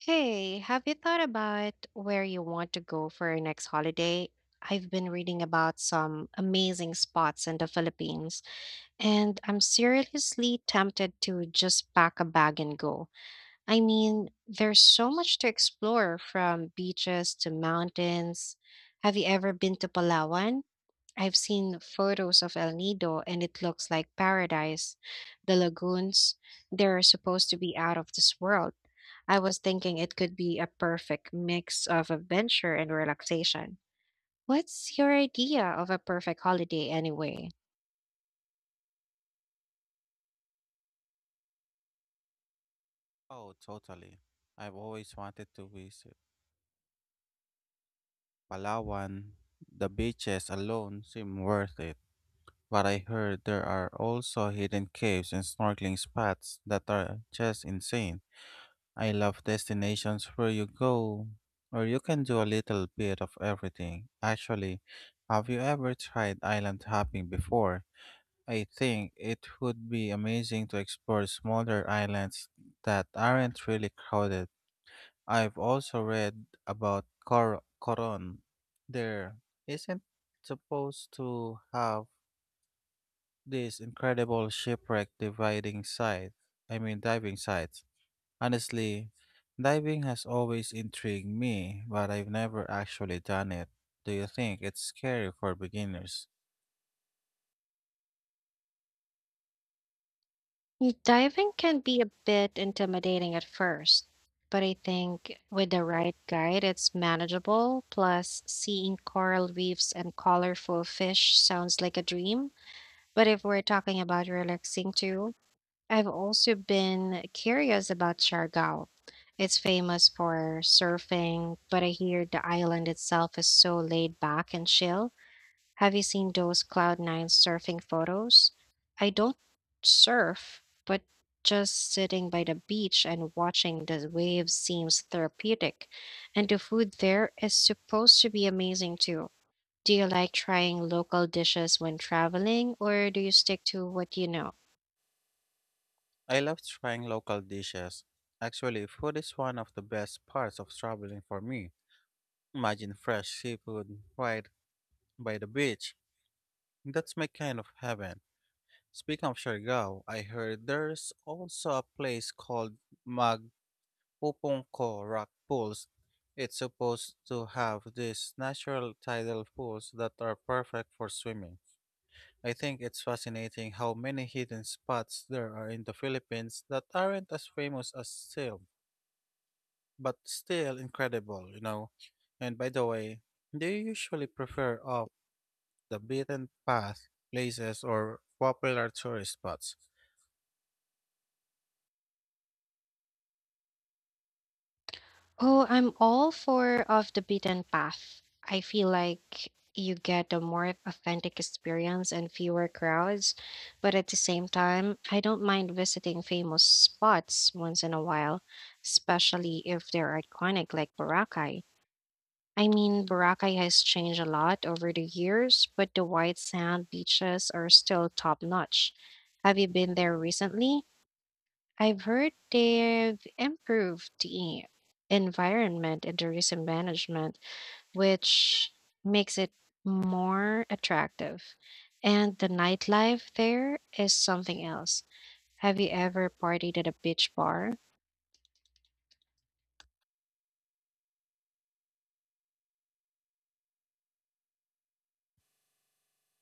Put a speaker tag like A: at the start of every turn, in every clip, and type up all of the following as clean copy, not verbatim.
A: Hey, have you thought about where you want to go for your next holiday? I've been reading about some amazing spots in the Philippines, and I'm seriously tempted to just pack a bag and go. I mean, there's so much to explore from beaches to mountains. Have you ever been to Palawan? I've seen photos of El Nido and it looks like paradise. The lagoons, they're supposed to be out of this world. I was thinking it could be a perfect mix of adventure and relaxation. What's your idea of a perfect holiday anyway?
B: Oh, totally. I've always wanted to visit Palawan. The beaches alone seem worth it, but I heard there are also hidden caves and snorkeling spots that are just insane. I love destinations where you go or you can do a little bit of everything. Actually, have you ever tried island hopping before? I think it would be amazing to explore smaller islands that aren't really crowded. I've also read about Coron. There isn't supposed to have this incredible shipwreck dividing site. I mean, diving sites. Honestly, diving has always intrigued me, but I've never actually done it. Do you think it's scary for beginners?
A: Diving can be a bit intimidating at first, but I think with the right guide, it's manageable. Plus, seeing coral reefs and colorful fish sounds like a dream. But if we're talking about relaxing too, I've also been curious about Siargao. It's famous for surfing, but I hear the island itself is so laid back and chill. Have you seen those Cloud Nine surfing photos? I don't surf, but just sitting by the beach and watching the waves seems therapeutic. And the food there is supposed to be amazing too. Do you like trying local dishes when traveling, or do you stick to what you know?
B: I love trying local dishes. Actually, food is one of the best parts of traveling for me. Imagine fresh seafood right by the beach. That's my kind of heaven. Speaking of Siargao, I heard there's also a place called Magpupungko Rock Pools. It's supposed to have these natural tidal pools that are perfect for swimming. I think it's fascinating how many hidden spots there are in the Philippines that aren't as famous as Seal, but still incredible, you know. And by the way, do you usually prefer off the beaten path places or popular tourist spots?
A: Oh, I'm all for off the beaten path. I feel like you get a more authentic experience and fewer crowds, but at the same time, I don't mind visiting famous spots once in a while, especially if they're iconic like Boracay. I mean, Boracay has changed a lot over the years, but the white sand beaches are still top notch. Have you been there recently? I've heard they've improved the environment and tourism management, which makes it more attractive. And the nightlife there is something else. Have you ever partied at a beach bar?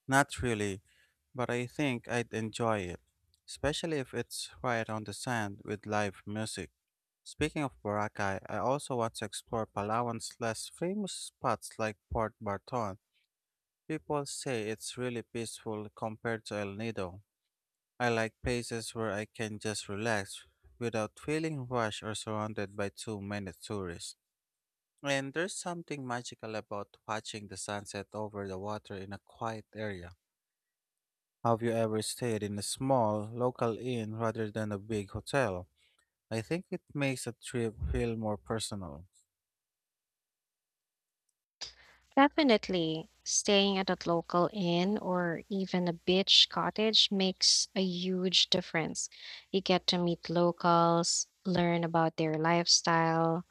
B: Not really, but I think I'd enjoy it, especially if it's right on the sand with live music. Speaking of Boracay, I also want to explore Palawan's less famous spots like Port Barton. People say it's really peaceful compared to El Nido. I like places where I can just relax without feeling rushed or surrounded by too many tourists. And there's something magical about watching the sunset over the water in a quiet area. Have you ever stayed in a small, local inn rather than a big hotel? I think it makes a trip feel more personal.
A: Definitely. Staying at a local inn or even a beach cottage makes a huge difference. You get to meet locals, learn about their lifestyle,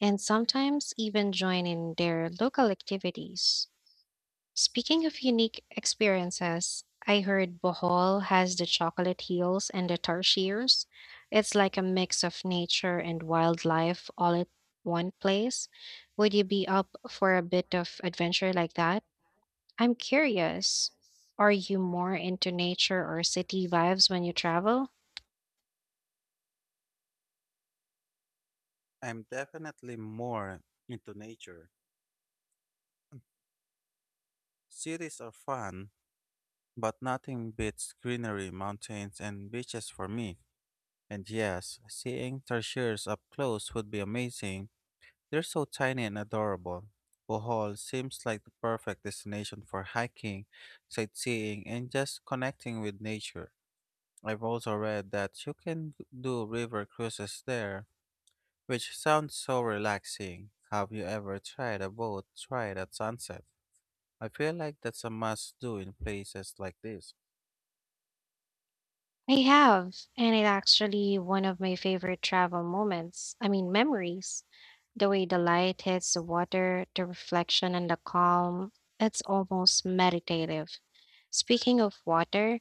A: and sometimes even join in their local activities. Speaking of unique experiences, I heard Bohol has the chocolate hills and the tarsiers. It's like a mix of nature and wildlife all at one place. Would you be up for a bit of adventure like that? I'm curious. Are you more into nature or city vibes when you travel?
B: I'm definitely more into nature. Cities are fun, but nothing beats greenery, mountains, and beaches for me. And yes, seeing tarsiers up close would be amazing. They're so tiny and adorable. Bohol seems like the perfect destination for hiking, sightseeing, and just connecting with nature. I've also read that you can do river cruises there, which sounds so relaxing. Have you ever tried a boat ride at sunset? I feel like that's a must do in places like this.
A: I have, and it's actually one of my favorite travel moments. I mean, memories. The way the light hits the water, the reflection and the calm, it's almost meditative. Speaking of water,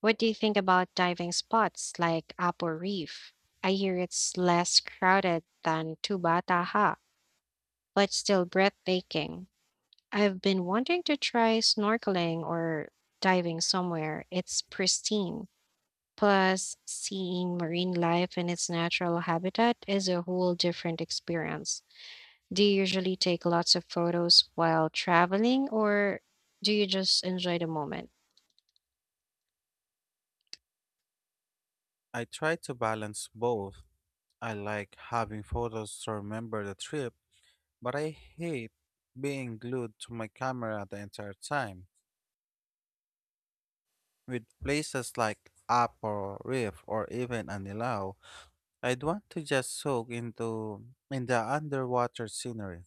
A: what do you think about diving spots like Apo Reef? I hear it's less crowded than Tubataha, but still breathtaking. I've been wanting to try snorkeling or diving somewhere. It's pristine. Plus, seeing marine life in its natural habitat is a whole different experience. Do you usually take lots of photos while traveling, or do you just enjoy the moment?
B: I try to balance both. I like having photos to remember the trip, but I hate being glued to my camera the entire time. With places like Apo, Reef, or even Anilao, I'd want to just soak into in the underwater scenery.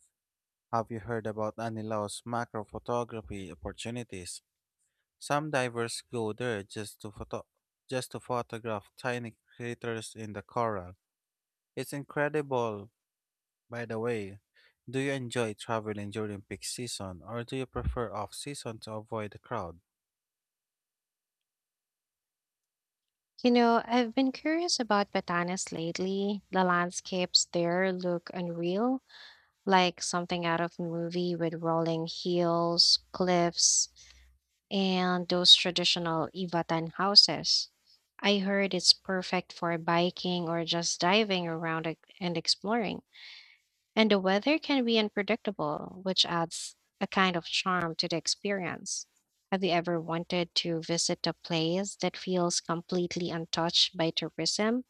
B: Have you heard about Anilao's macro photography opportunities? Some divers go there just to photograph tiny craters in the coral. It's incredible. By the way, do you enjoy traveling during peak season or do you prefer off season to avoid the crowd?
A: You know, I've been curious about Batanes lately. The landscapes there look unreal, like something out of a movie with rolling hills, cliffs, and those traditional Ivatan houses. I heard it's perfect for biking or just diving around and exploring. And the weather can be unpredictable, which adds a kind of charm to the experience. Have you ever wanted to visit a place that feels completely untouched by tourism?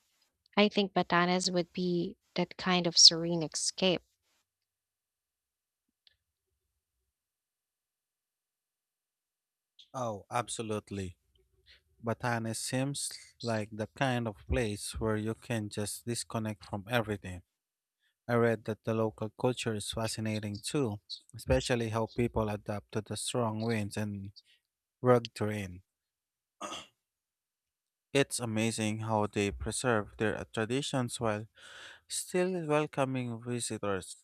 A: I think Batanes would be that kind of serene escape.
B: Oh, absolutely. Batanes seems like the kind of place where you can just disconnect from everything. I read that the local culture is fascinating too, especially how people adapt to the strong winds and rugged terrain. It's amazing how they preserve their traditions while still welcoming visitors.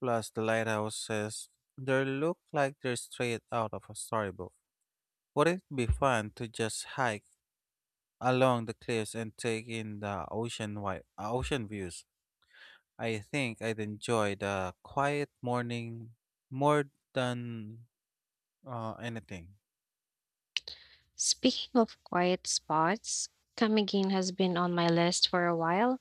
B: Plus, the lighthouses, they look like they're straight out of a storybook. Would it be fun to just hike along the cliffs and take in the ocean views? I think I'd enjoy the quiet morning more than anything.
A: Speaking of quiet spots, Camiguin has been on my list for a while.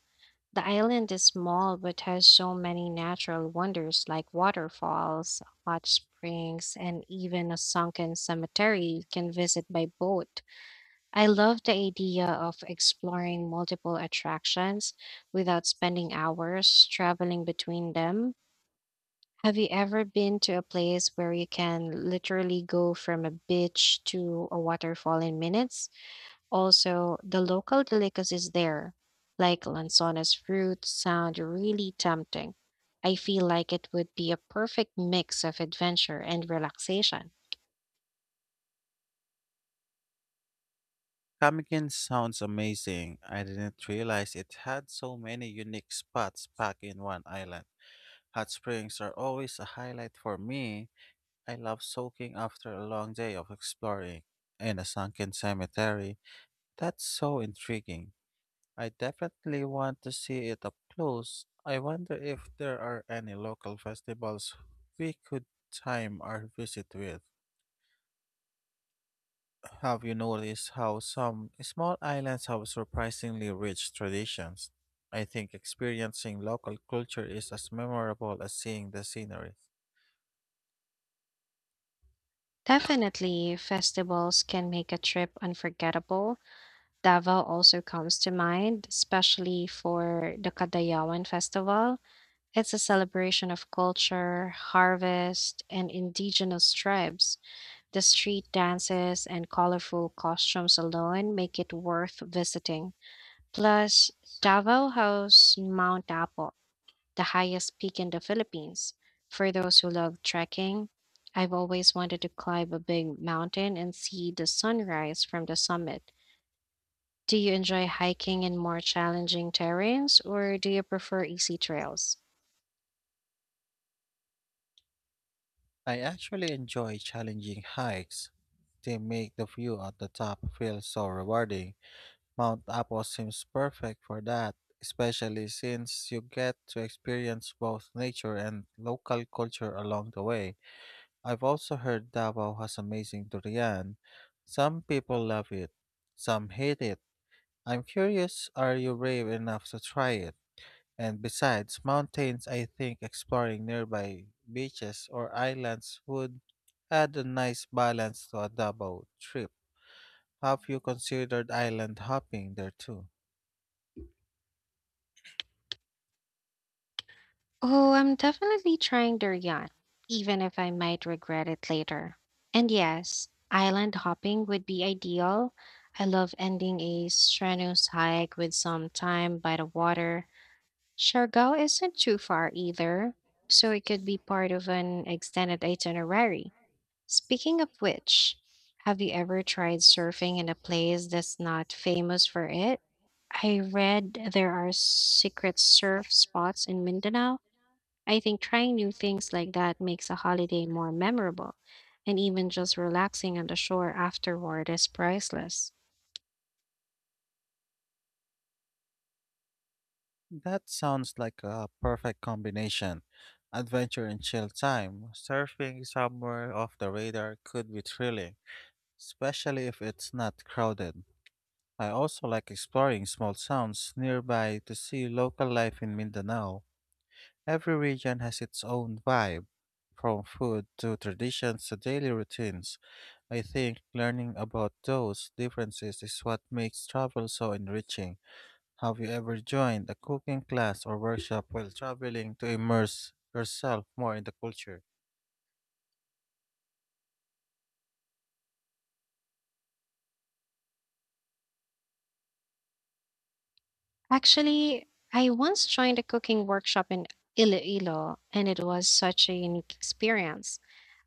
A: The island is small but has so many natural wonders like waterfalls, hot springs, and even a sunken cemetery you can visit by boat. I love the idea of exploring multiple attractions without spending hours traveling between them. Have you ever been to a place where you can literally go from a beach to a waterfall in minutes? Also, the local delicacies there, like lanzones fruit, sound really tempting. I feel like it would be a perfect mix of adventure and relaxation.
B: Kamikin sounds amazing. I didn't realize it had so many unique spots packed in one island. Hot springs are always a highlight for me. I love soaking after a long day of exploring. And a sunken cemetery. That's so intriguing. I definitely want to see it up close. I wonder if there are any local festivals we could time our visit with. Have you noticed how some small islands have surprisingly rich traditions? I think experiencing local culture is as memorable as seeing the scenery.
A: Definitely, festivals can make a trip unforgettable. Davao also comes to mind, especially for the Kadayawan Festival. It's a celebration of culture, harvest, and indigenous tribes. The street dances and colorful costumes alone make it worth visiting. Plus, Davao hosts Mount Apo, the highest peak in the Philippines. For those who love trekking, I've always wanted to climb a big mountain and see the sunrise from the summit. Do you enjoy hiking in more challenging terrains or do you prefer easy trails?
B: I actually enjoy challenging hikes. They make the view at the top feel so rewarding. Mount Apo seems perfect for that, especially since you get to experience both nature and local culture along the way. I've also heard Davao has amazing durian. Some people love it, some hate it. I'm curious, are you brave enough to try it? And besides mountains, I think exploring nearby beaches or islands would add a nice balance to a Davao trip. Have you considered island hopping there too?
A: Oh, I'm definitely trying durian, even if I might regret it later. And yes, island hopping would be ideal. I love ending a strenuous hike with some time by the water. Siargao isn't too far either, so it could be part of an extended itinerary. Speaking of which, have you ever tried surfing in a place that's not famous for it? I read there are secret surf spots in Mindanao. I think trying new things like that makes a holiday more memorable, and even just relaxing on the shore afterward is priceless.
B: That sounds like a perfect combination. Adventure and chill time. Surfing somewhere off the radar could be thrilling, especially if it's not crowded. I also like exploring small towns nearby to see local life in Mindanao. Every region has its own vibe, from food to traditions to daily routines. I think learning about those differences is what makes travel so enriching. Have you ever joined a cooking class or workshop while traveling to immerse yourself more in the culture?
A: Actually, I once joined a cooking workshop in Iloilo, and it was such a unique experience.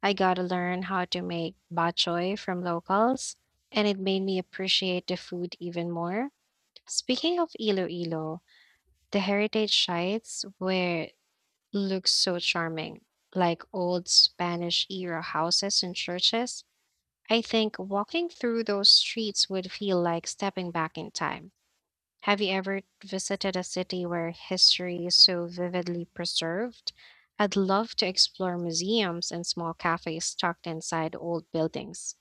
A: I got to learn how to make bok from locals, and it made me appreciate the food even more. Speaking of Iloilo, the heritage sites where looks so charming, like old Spanish era houses and churches. I think walking through those streets would feel like stepping back in time. Have you ever visited a city where history is so vividly preserved? I'd love to explore museums and small cafes tucked inside old buildings.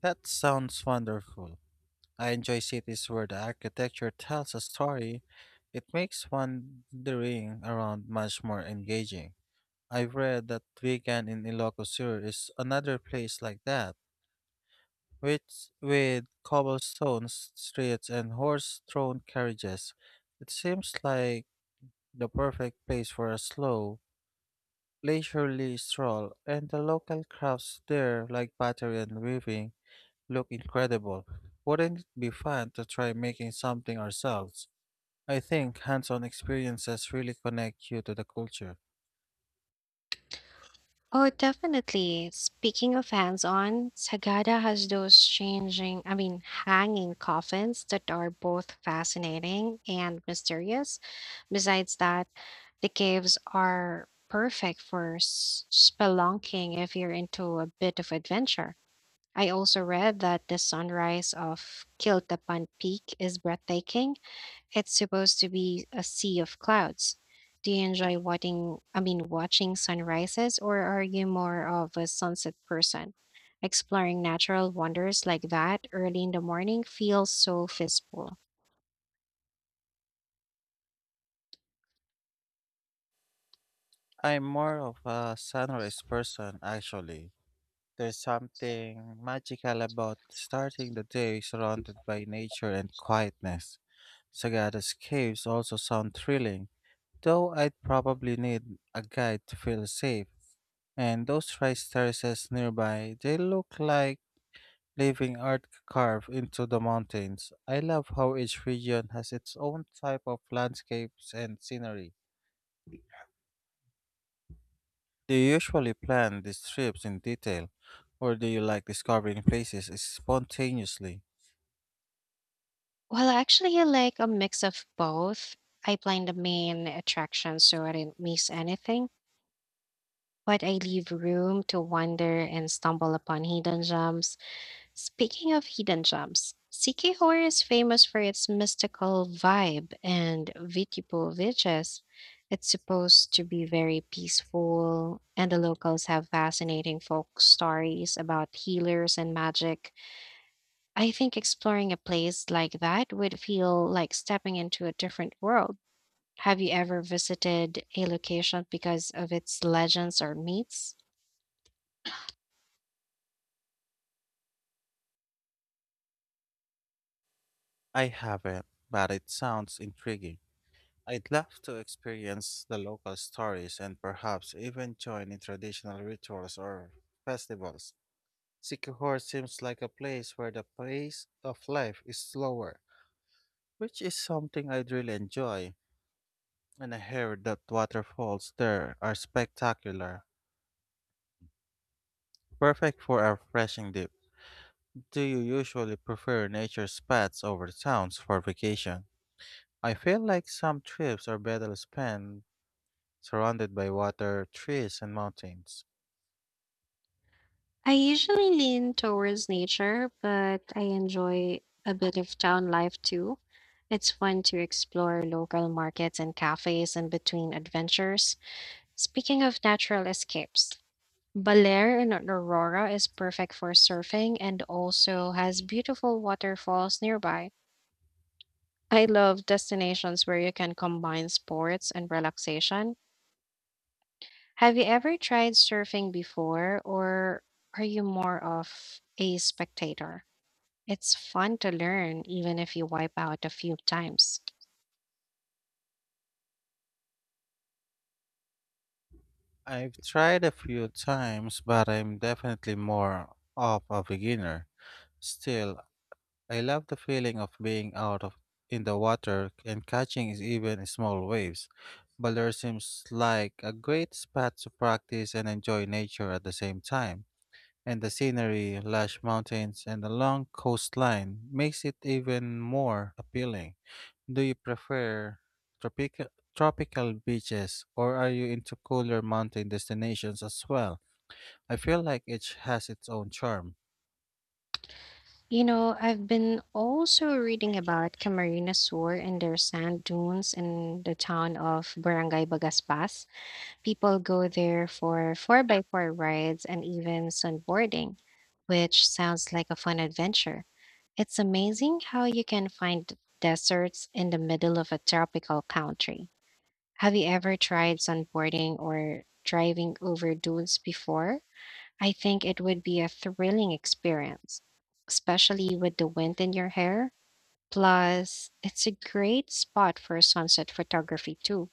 B: That sounds wonderful. I enjoy cities where the architecture tells a story. It makes wandering around much more engaging. I've read that Vegan in Ilocos Sur is another place like that, which with cobblestone streets and horse-drawn carriages. It seems like the perfect place for a slow, leisurely stroll, and the local crafts there, like pottery and weaving, look incredible. Wouldn't it be fun to try making something ourselves? I think hands on experiences really connect you to the culture.
A: Oh, definitely. Speaking of hands-on, Sagada has those I mean, hanging coffins that are both fascinating and mysterious. Besides that, the caves are perfect for spelunking if you're into a bit of adventure. I also read that the sunrise of Kiltapan Peak is breathtaking. It's supposed to be a sea of clouds. Do you enjoy I mean, watching sunrises, or are you more of a sunset person? Exploring natural wonders like that early in the morning feels so peaceful.
B: I'm more of a sunrise person, actually. There's something magical about starting the day surrounded by nature and quietness. Sagada's caves also sound thrilling, though I'd probably need a guide to feel safe. And those rice terraces nearby, they look like leaving art carved into the mountains. I love how each region has its own type of landscapes and scenery. Do you usually plan these trips in detail, or do you like discovering places spontaneously?
A: Well, actually, I like a mix of both. I plan the main attraction so I don't miss anything, but I leave room to wander and stumble upon hidden gems. Speaking of hidden gems, Sikihor is famous for its mystical vibe and Vitipu villages. It's supposed to be very peaceful, and the locals have fascinating folk stories about healers and magic. I think exploring a place like that would feel like stepping into a different world. Have you ever visited a location because of its legends or myths?
B: I haven't, but it sounds intriguing. I'd love to experience the local stories and perhaps even join in traditional rituals or festivals. Sycamore seems like a place where the pace of life is slower, which is something I'd really enjoy. And I heard that waterfalls there are spectacular, perfect for a refreshing dip. Do you usually prefer nature spots over towns for vacation? I feel like some trips are better spent surrounded by water, trees, and mountains.
A: I usually lean towards nature, but I enjoy a bit of town life too. It's fun to explore local markets and cafes in between adventures. Speaking of natural escapes, Balair in Aurora is perfect for surfing and also has beautiful waterfalls nearby. I love destinations where you can combine sports and relaxation. Have you ever tried surfing before, or are you more of a spectator? It's fun to learn, even if you wipe out a few times.
B: I've tried a few times, but I'm definitely more of a beginner. Still, I love the feeling of being out of in the water and catching is even small waves. Baler seems like a great spot to practice and enjoy nature at the same time. And the scenery, lush mountains, and the long coastline makes it even more appealing. Do you prefer tropical tropical beaches or are you into cooler mountain destinations as well? I feel like each has its own charm.
A: You know, I've been also reading about Camarines Sur and their sand dunes in the town of Barangay Bagaspas. People go there for 4 by 4 rides and even sunboarding, which sounds like a fun adventure. It's amazing how you can find deserts in the middle of a tropical country. Have you ever tried sunboarding or driving over dunes before? I think it would be a thrilling experience, especially with the wind in your hair. Plus, it's a great spot for sunset photography too.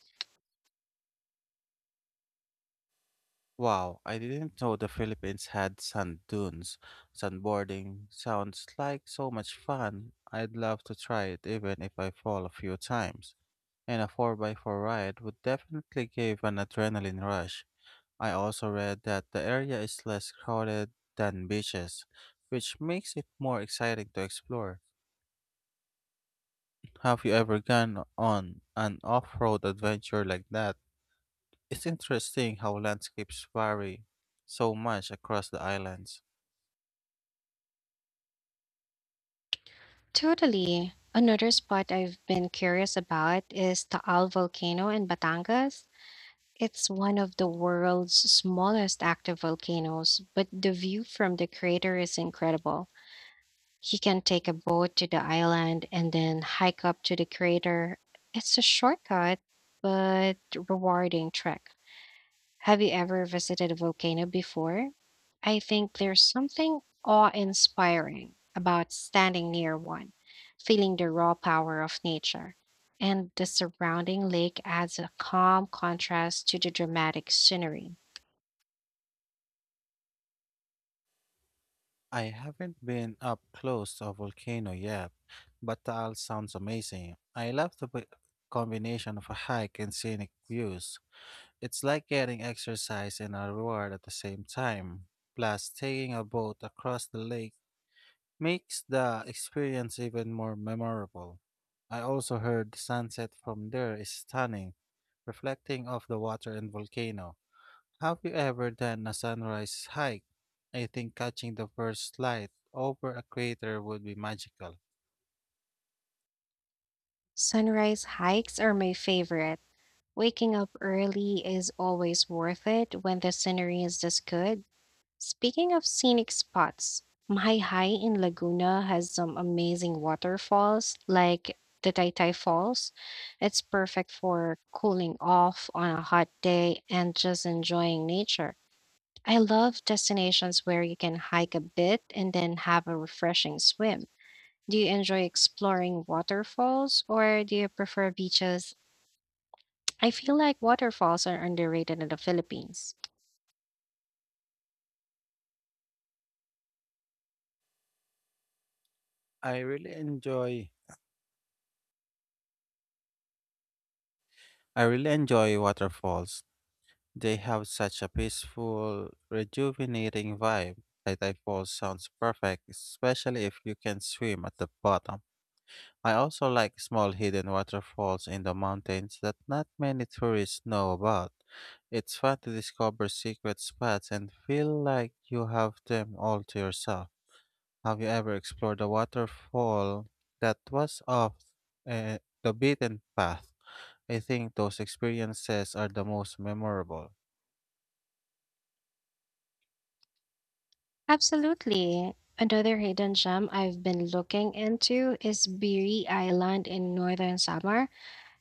B: Wow, I didn't know the Philippines had sand dunes. Sandboarding sounds like so much fun. I'd love to try it even if I fall a few times. And a 4x4 ride would definitely give an adrenaline rush. I also read that the area is less crowded than beaches, which makes it more exciting to explore. Have you ever gone on an off-road adventure like that? It's interesting how landscapes vary so much across the islands.
A: Totally. Another spot I've been curious about is Taal Volcano in Batangas. It's one of the world's smallest active volcanoes, but the view from the crater is incredible. He can take a boat to the island and then hike up to the crater. It's a shortcut, but rewarding trek. Have you ever visited a volcano before? I think there's something awe-inspiring about standing near one, feeling the raw power of nature. And the surrounding lake adds a calm contrast to the dramatic scenery.
B: I haven't been up close to a volcano yet, but Taal sounds amazing. I love the combination of a hike and scenic views. It's like getting exercise and a reward at the same time. Plus, taking a boat across the lake makes the experience even more memorable. I also heard the sunset from there is stunning, reflecting off the water and volcano. Have you ever done a sunrise hike? I think catching the first light over a crater would be magical.
A: Sunrise hikes are my favorite. Waking up early is always worth it when the scenery is this good. Speaking of scenic spots, Mahai Hai in Laguna has some amazing waterfalls like the Taytay Falls. It's perfect for cooling off on a hot day and just enjoying nature. I love destinations where you can hike a bit and then have a refreshing swim. Do you enjoy exploring waterfalls or do you prefer beaches? I feel like waterfalls are underrated in the Philippines.
B: I really enjoy I really enjoy waterfalls. They have such a peaceful, rejuvenating vibe. Taitai Falls sounds perfect, especially if you can swim at the bottom. I also like small hidden waterfalls in the mountains that not many tourists know about. It's fun to discover secret spots and feel like you have them all to yourself. Have you ever explored a waterfall that was the beaten path? I think those experiences are the most memorable.
A: Absolutely. Another hidden gem I've been looking into is Biri Island in northern Samar.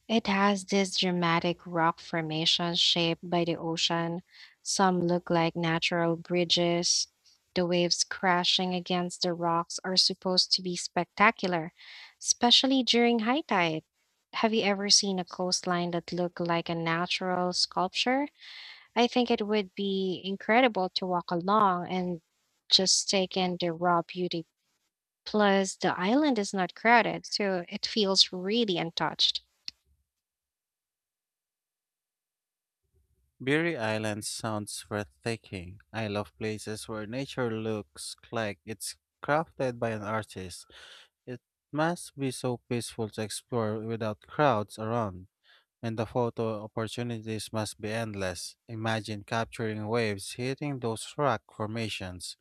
A: It has this dramatic rock formation shaped by the ocean. Some look like natural bridges. The waves crashing against the rocks are supposed to be spectacular, especially during high tide. Have you ever seen a coastline that looked like a natural sculpture? I think it would be incredible to walk along and just take in the raw beauty. Plus, the island is not crowded, so it feels really untouched.
B: Beauty Island sounds breathtaking. I love places where nature looks like it's crafted by an artist. It must be so peaceful to explore without crowds around. And the photo opportunities must be endless. Imagine capturing waves hitting those rock formations.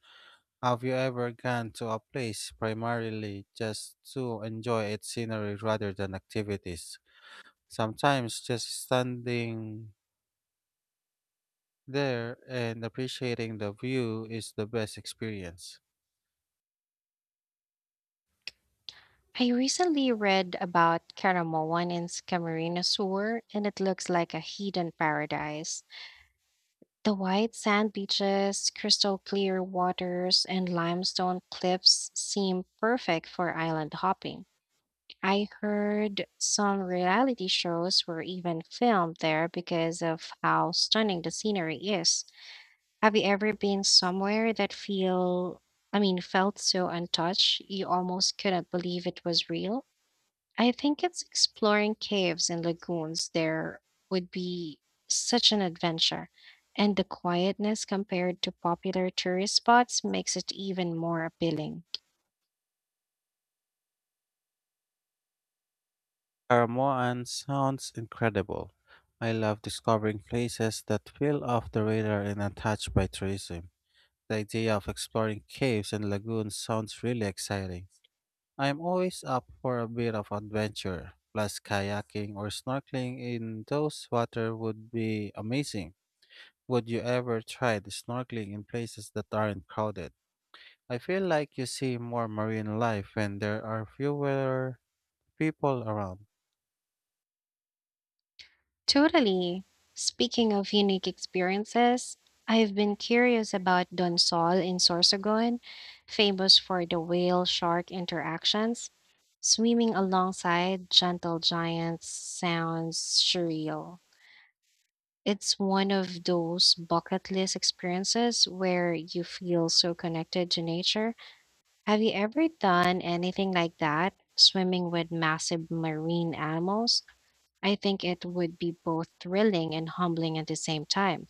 B: Have you ever gone to a place primarily just to enjoy its scenery rather than activities? Sometimes just standing there and appreciating the view is the best experience.
A: I recently read about Caramoan in Camarines Sur, and it looks like a hidden paradise. The white sand beaches, crystal clear waters, and limestone cliffs seem perfect for island hopping. I heard some reality shows were even filmed there because of how stunning the scenery is. Have you ever been somewhere that I mean, felt so untouched you almost couldn't believe it was real? I think it's exploring caves and lagoons there would be such an adventure. And the quietness compared to popular tourist spots makes it even more appealing.
B: Caramoan sounds incredible. I love discovering places that feel off the radar and untouched by tourism. The idea of exploring caves and lagoons sounds really exciting. I'm always up for a bit of adventure, plus kayaking or snorkeling in those water would be amazing. Would you ever try the snorkeling in places that aren't crowded? I feel like you see more marine life when there are fewer people around.
A: Totally. Speaking of unique experiences, I've been curious about Donsol in Sorsogon, famous for the whale shark interactions. Swimming alongside gentle giants sounds surreal. It's one of those bucket list experiences where you feel so connected to nature. Have you ever done anything like that, swimming with massive marine animals? I think it would be both thrilling and humbling at the same time.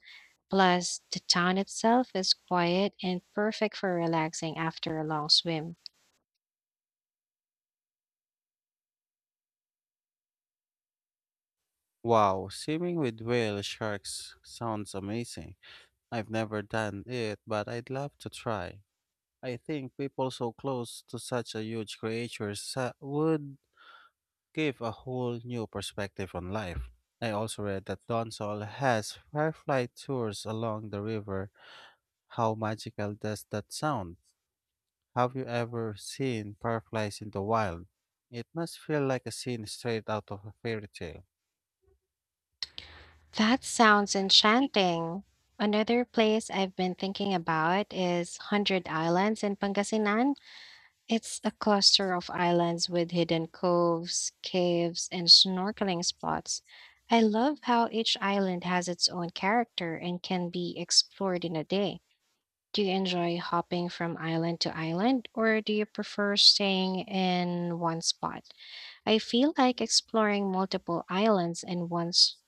A: Plus, the town itself is quiet and perfect for relaxing after a long swim.
B: Wow, swimming with whale sharks sounds amazing. I've never done it, but I'd love to try. I think people so close to such a huge creature would gave a whole new perspective on life. I also read that Donsol has firefly tours along the river. How magical does that sound? Have you ever seen fireflies in the wild? It must feel like a scene straight out of a fairy tale.
A: That sounds enchanting. Another place I've been thinking about is Hundred Islands in Pangasinan. It's a cluster of islands with hidden coves, caves, and snorkeling spots. I love how each island has its own character and can be explored in a day. Do you enjoy hopping from island to island, or do you prefer staying in one spot? I feel like exploring multiple islands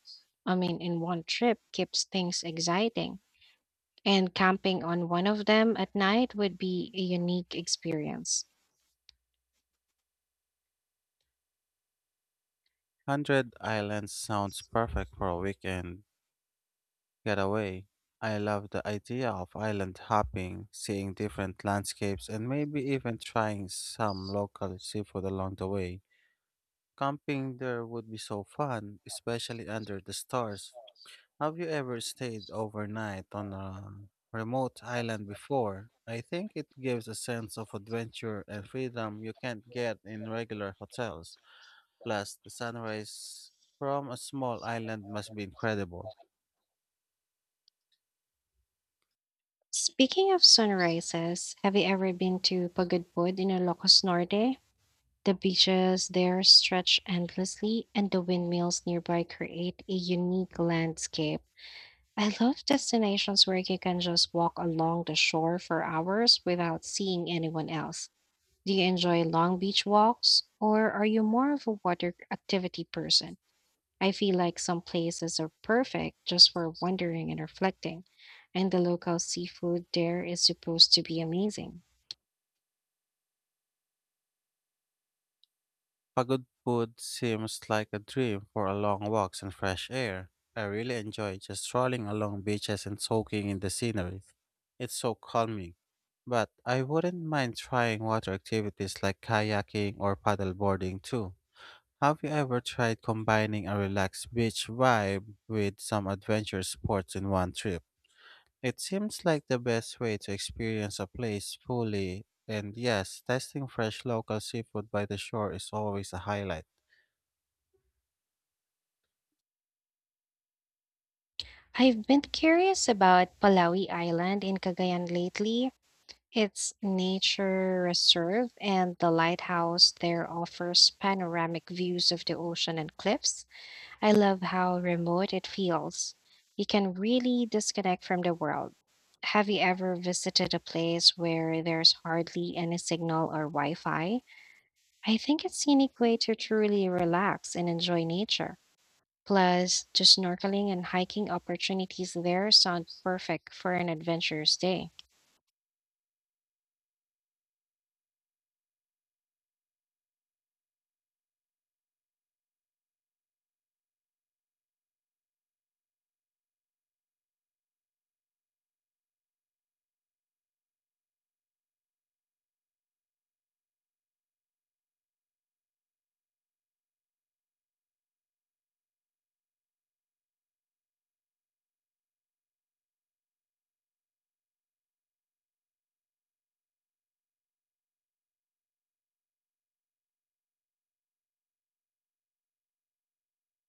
A: I mean, in one trip keeps things exciting, and camping on one of them at night would be a unique experience.
B: Hundred Islands sounds perfect for a weekend getaway. I love the idea of island hopping, seeing different landscapes, and maybe even trying some local seafood along the way. Camping there would be so fun, especially under the stars. Have you ever stayed overnight on a remote island before? I think it gives a sense of adventure and freedom you can't get in regular hotels. Plus, the sunrise from a small island must be incredible.
A: Speaking of sunrises, have you ever been to Pagudpud in Ilocos Norte? The beaches there stretch endlessly, and the windmills nearby create a unique landscape. I love destinations where you can just walk along the shore for hours without seeing anyone else. Do you enjoy long beach walks or are you more of a water activity person? I feel like some places are perfect just for wandering and reflecting, and the local seafood there is supposed to be amazing.
B: Pagod food seems like a dream for a long walks and fresh air. I really enjoy just strolling along beaches and soaking in the scenery. It's so calming. But I wouldn't mind trying water activities like kayaking or paddleboarding too. Have you ever tried combining a relaxed beach vibe with some adventure sports in one trip? It seems like the best way to experience a place fully, and yes, testing fresh local seafood by the shore is always a highlight.
A: I've been curious about Palawi Island in Cagayan lately. Its nature reserve and the lighthouse there offers panoramic views of the ocean and cliffs. I love how remote it feels. You can really disconnect from the world. Have you ever visited a place where there's hardly any signal or Wi Fi? I think it's a unique way to truly relax and enjoy nature. Plus, the snorkeling and hiking opportunities there sound perfect for an adventurous day.